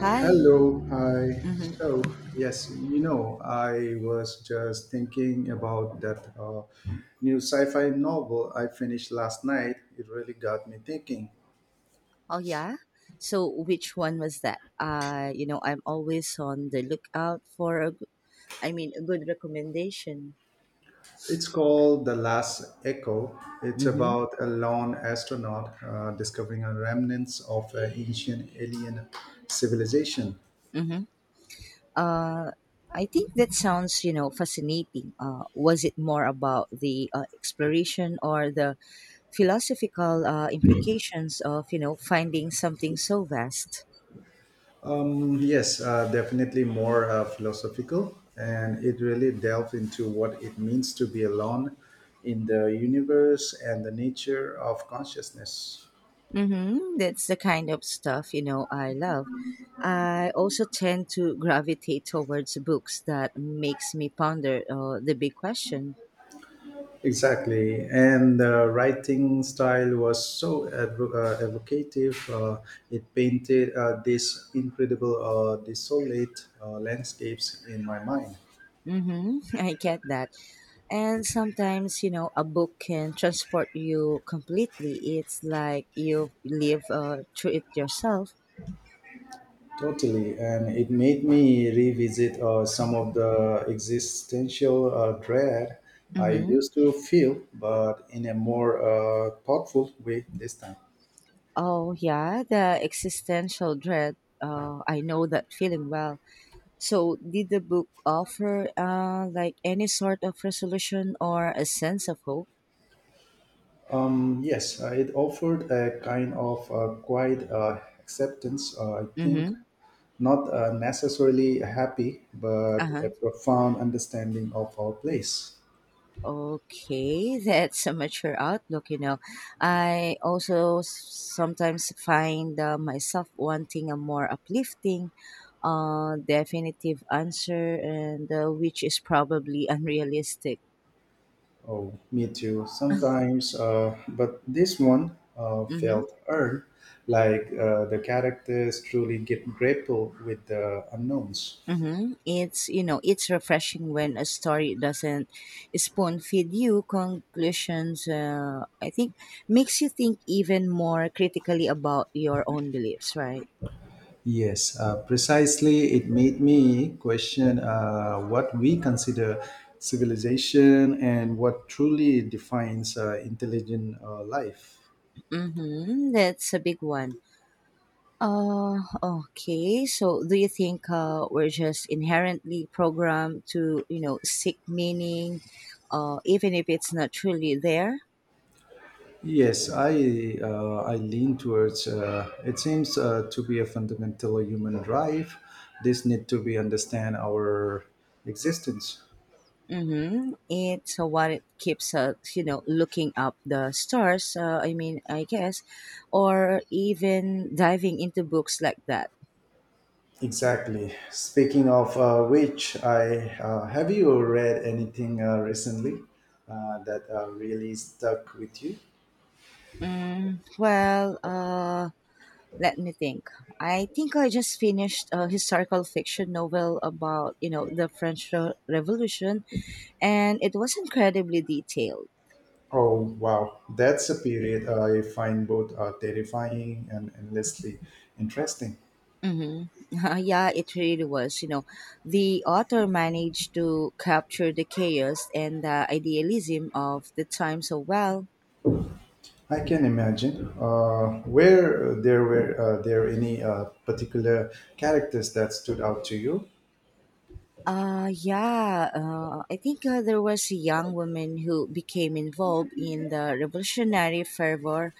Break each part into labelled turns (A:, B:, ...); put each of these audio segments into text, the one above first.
A: Hi.
B: Hello, hi.
A: Hmm.
B: So, yes, you know, I was just thinking about that new sci fi novel I finished last night. It really got me thinking.
A: Oh yeah. So which one was that? I'm always on the lookout for a good, I mean, a good recommendation.
B: It's called The Last Echo. It's
A: Mm-hmm.
B: about a lone astronaut discovering a remnants of an ancient alien civilization.
A: Mm-hmm. Uh, I think that sounds, fascinating. Was it more about the exploration or the philosophical implications of, finding something so vast?
B: Yes, definitely more philosophical, and it really delves into what it means to be alone in the universe and the nature of consciousness.
A: Mm-hmm. That's the kind of stuff, I love. I also tend to gravitate towards books that makes me ponder the big question.
B: Exactly, and the writing style was so evocative. It painted these incredible, desolate landscapes in my mind.
A: Mm-hmm. I get that. And sometimes, a book can transport you completely. It's like you live through it yourself.
B: Totally, and it made me revisit some of the existential dread I
A: Mm-hmm.
B: used to feel, but in a more thoughtful way this time.
A: Oh, yeah, the existential dread. I know that feeling well. So, did the book offer like any sort of resolution or a sense of hope?
B: Yes, it offered a kind of quiet acceptance. I think
A: Mm-hmm.
B: not necessarily happy, but
A: Uh-huh.
B: a profound understanding of our place.
A: Okay, that's a mature outlook. I also sometimes find myself wanting a more uplifting, definitive answer, and which is probably unrealistic.
B: Oh, me too. Sometimes, but this one
A: Mm-hmm.
B: felt earned, like the characters truly get grapple with the unknowns.
A: Mm-hmm. It's you know it's refreshing when a story doesn't spoon feed you conclusions. I think makes you think even more critically about your own beliefs, right?
B: Yes, precisely. It made me question what we consider civilization and what truly defines intelligent life.
A: Mm-hmm. That's a big one. Okay. So do you think we're just inherently programmed to seek meaning, even if it's not truly there?
B: Yes, I lean towards. It seems to be a fundamental human drive. This need to be understand our existence.
A: Mm-hmm. It's what it keeps us, looking up the stars. I mean, I guess, or even diving into books like that.
B: Exactly. Speaking of which, I have you read anything recently that really stuck with you?
A: Mm, well, let me think. I think I just finished a historical fiction novel about, the French Revolution, and it was incredibly detailed.
B: Oh wow, that's a period I find both terrifying and endlessly interesting.
A: Mm-hmm. Yeah, it really was. The author managed to capture the chaos and the idealism of the time so well.
B: I can imagine. Where there were there any particular characters that stood out to you?
A: Yeah, I think there was a young woman who became involved in the revolutionary fervor,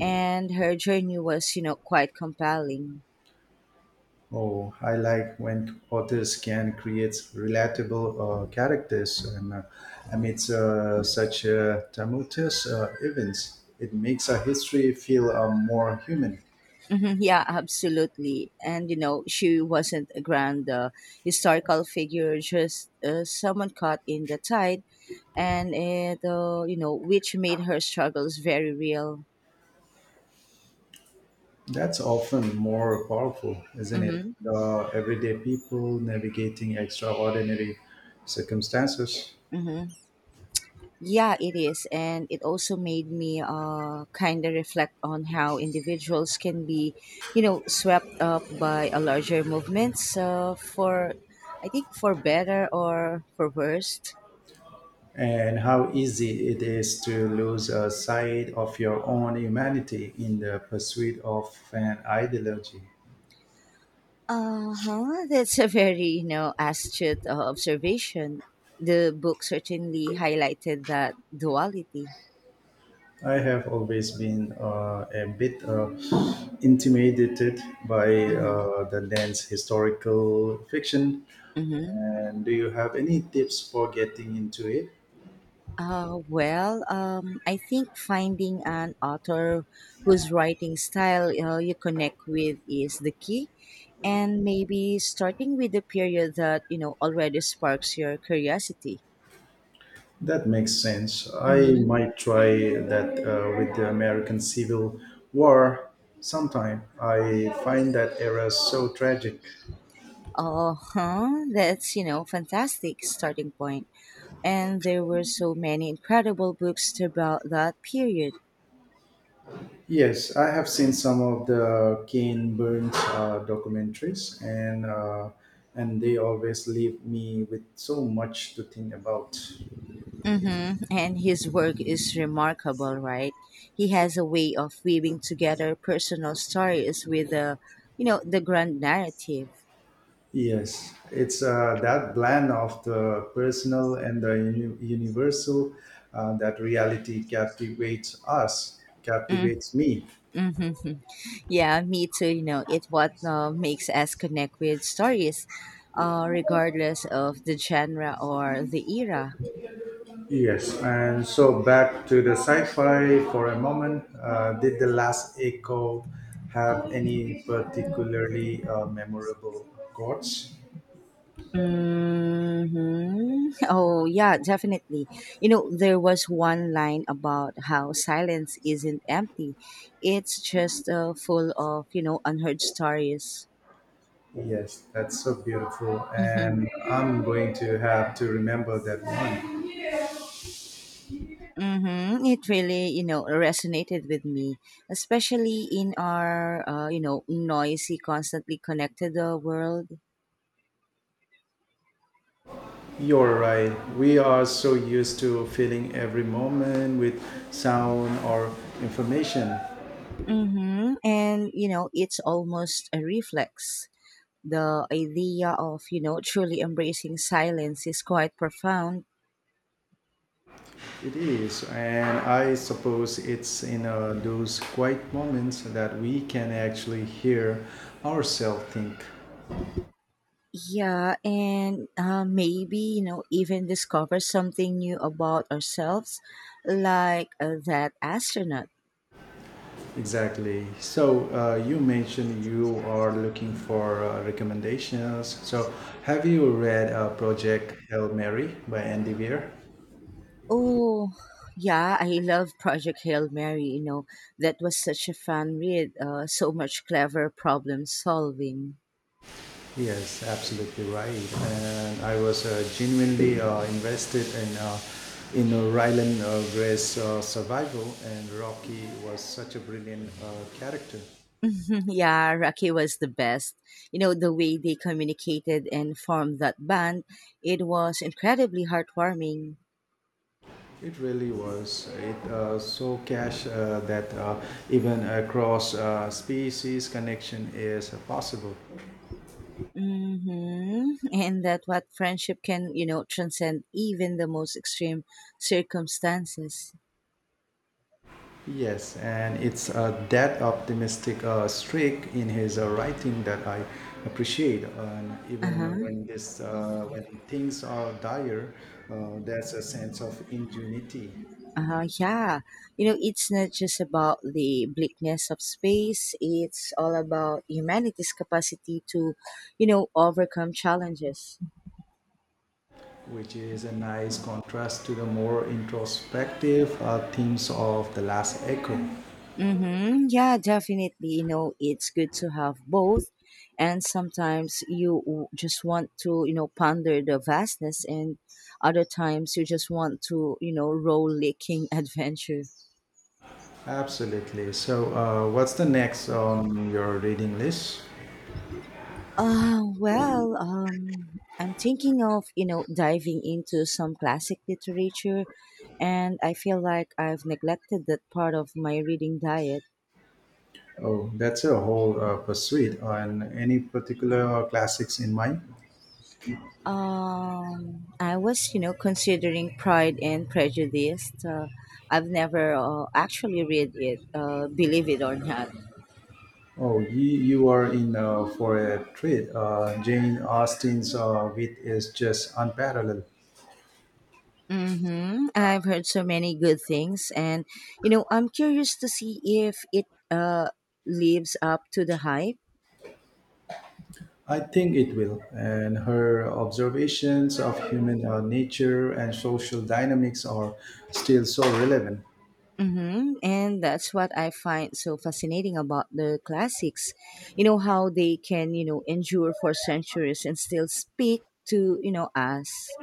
A: and her journey was, quite compelling.
B: Oh, I like when authors can create relatable characters and amidst such tumultuous events, it makes a history feel more human.
A: Mhm, yeah, absolutely. And, she wasn't a grand historical figure, just someone caught in the tide and which made her struggles very real.
B: That's often more powerful, isn't it?
A: Mm-hmm.
B: The everyday people navigating extraordinary circumstances.
A: Mm-hmm. Yeah, it is, and it also made me kind of reflect on how individuals can be, swept up by a larger movement. So I think for better or for worst.
B: And how easy it is to lose a side of your own humanity in the pursuit of an ideology.
A: Uh huh. That's a very astute observation. The book certainly highlighted that duality.
B: I have always been a bit intimidated by
A: Mm-hmm.
B: the dense historical fiction.
A: Mm-hmm.
B: And do you have any tips for getting into it?
A: Well, I think finding an author whose writing style you connect with is the key, and maybe starting with the period that already sparks your curiosity.
B: That makes sense. I
A: Mm-hmm.
B: might try that with the American Civil War sometime. I find that era so tragic.
A: Oh, huh, that's fantastic starting point. And there were so many incredible books about that period.
B: Yes, I have seen some of the Kane Burns documentaries, and they always leave me with so much to think about.
A: Mm-hmm. And his work is remarkable, right? He has a way of weaving together personal stories with the grand narrative.
B: Yes, it's that blend of the personal and the universal that reality captivates us, captivates me.
A: Mm-hmm. Yeah, me too. You know, it What makes us connect with stories, regardless of the genre or the era.
B: Yes, and so back to the sci-fi for a moment. Did the last Echo have any particularly memorable quotes?
A: Mhm. Oh, yeah, definitely. There was one line about how silence isn't empty. It's just full of, unheard stories.
B: Yes, that's so beautiful,
A: Mhm.
B: and I'm going to have to remember that one.
A: Mhm. It really, resonated with me, especially in our, noisy, constantly connected world.
B: You're right. We are so used to filling every moment with sound or information.
A: Mhm. And, it's almost a reflex. The idea of truly embracing silence is quite profound.
B: It is, and I suppose it's in those quiet moments that we can actually hear ourselves think.
A: Yeah, and maybe even discover something new about ourselves, like that astronaut.
B: Exactly. So you mentioned you are looking for recommendations. So have you read Project Hail Mary by Andy Weir?
A: Oh yeah, I love Project Hail Mary. That was such a fun read, so much clever problem solving.
B: Yes, absolutely right. And I was genuinely invested in Rylan Gray's survival, and Rocky was such a brilliant character.
A: Yeah, Rocky was the best. The way they communicated and formed that band, it was incredibly heartwarming.
B: It really was. It so cash that even across species connection is possible.
A: Hmm. And that what friendship can, transcend even the most extreme circumstances.
B: Yes, and it's that optimistic streak in his writing that I appreciate. And even
A: Uh-huh.
B: when when things are dire, there's a sense of ingenuity,
A: Uh-huh. Yeah. It's not just about the bleakness of space. It's all about humanity's capacity to, overcome challenges.
B: which is a nice contrast to the more introspective themes of the last echo.
A: Mm-hmm. Yeah, definitely. It's good to have both. And sometimes you just want to, ponder the vastness, and other times you just want to, roll licking adventure.
B: Absolutely. So, what's the next on your reading list?
A: Well, I'm thinking of, diving into some classic literature, and I feel like I've neglected that part of my reading diet.
B: Oh, that's a whole pursuit. And any particular classics in mind?
A: I was, considering Pride and Prejudice. I've never actually read it, believe it or not.
B: Oh, you are in for a treat. Jane Austen's wit is just unparalleled.
A: Mm-hmm. I've heard so many good things, and I'm curious to see if it lives up to the hype.
B: I think it will. And her observations of human nature and social dynamics are still so relevant.
A: Mm-hmm. And that's what I find so fascinating about the classics. You know how they can, endure for centuries and still speak to, us.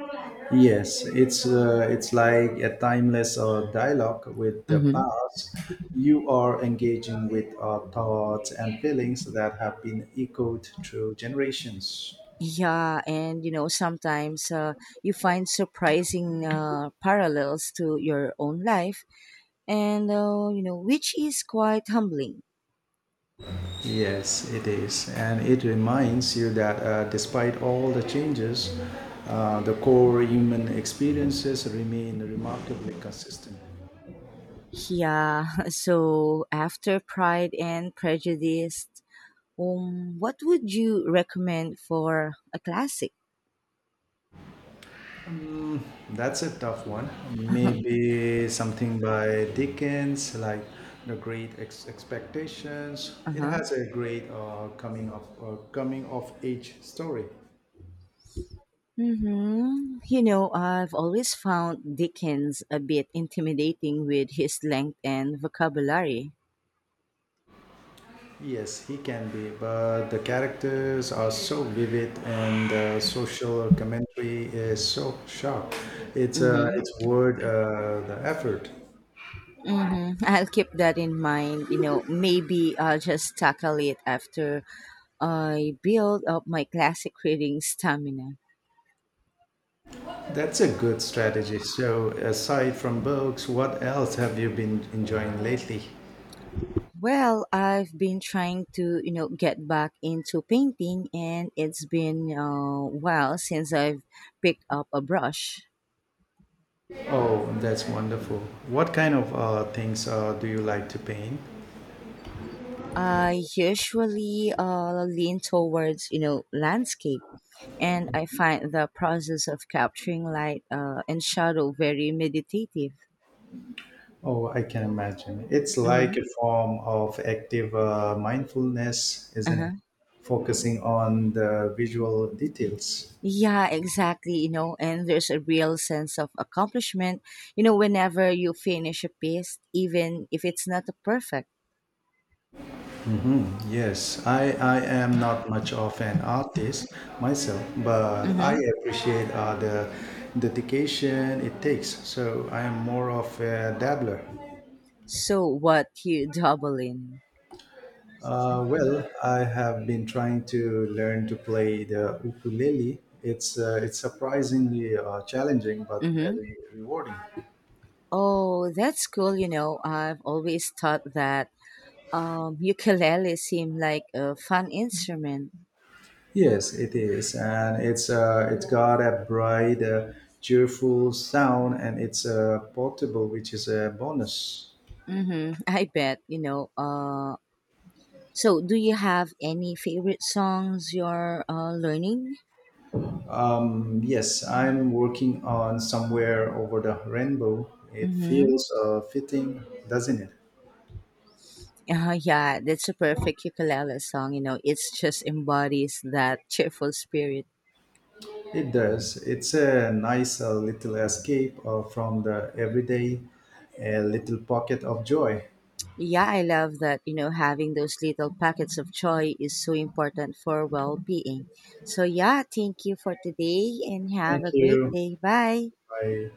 B: Yes, it's it's like a timeless dialogue with the
A: Mm-hmm.
B: past. You are engaging with thoughts and feelings that have been echoed through generations.
A: Yeah, and sometimes you find surprising parallels to your own life, and which is quite humbling.
B: Yes, it is, and it reminds you that despite all the changes, the core human experiences remain remarkably consistent.
A: Yeah, so after Pride and Prejudice, what would you recommend for a classic?
B: That's a tough one. Maybe something by Dickens, like The Great Expectations. It
A: Uh-huh.
B: has a great coming of age story.
A: Mm-hmm. I've always found Dickens a bit intimidating with his length and vocabulary.
B: Yes, he can be, but the characters are so vivid and the social commentary is so sharp. It's uh,
A: Mm-hmm.
B: it's worth the effort.
A: Mm-hmm. I'll keep that in mind. Maybe I'll just tackle it after I build up my classic reading stamina.
B: That's a good strategy. So, aside from books, what else have you been enjoying lately?
A: Well, I've been trying to, get back into painting, and it's been a while since I've picked up a brush.
B: Oh, that's wonderful. What kind of things do you like to paint?
A: I usually lean towards, landscape, and I find the process of capturing light and shadow very meditative.
B: Oh, I can imagine. It's
A: Mm-hmm.
B: like a form of active mindfulness, isn't it?
A: Uh-huh.
B: Focusing on the visual details.
A: Yeah, exactly. And there's a real sense of accomplishment, whenever you finish a piece, even if it's not perfect.
B: Yes, I am not much of an artist myself, but I
A: Mm-hmm.
B: appreciate the dedication it takes. So I am more of a dabbler.
A: So what you double in?
B: Well, I have been trying to learn to play the ukulele. It's surprisingly challenging, but
A: Mm-hmm.
B: very rewarding.
A: Oh, that's cool. I've always thought that ukulele seemed like a fun instrument.
B: Yes, it is, and it's got a bright, cheerful sound, and it's portable, which is a bonus.
A: Mm-hmm. I bet. So do you have any favorite songs you're learning?
B: Yes, I'm working on somewhere over the rainbow. It
A: Mm-hmm.
B: feels fitting, doesn't it?
A: Yeah, that's a perfect ukulele song. It's just embodies that cheerful spirit.
B: It does. It's a nice little escape from the everyday, a little pocket of joy.
A: Yeah, I love that. Having those little packets of joy is so important for well being. So, yeah, thank you for today and
B: Thank
A: have a great
B: you.
A: day. Bye.
B: Bye.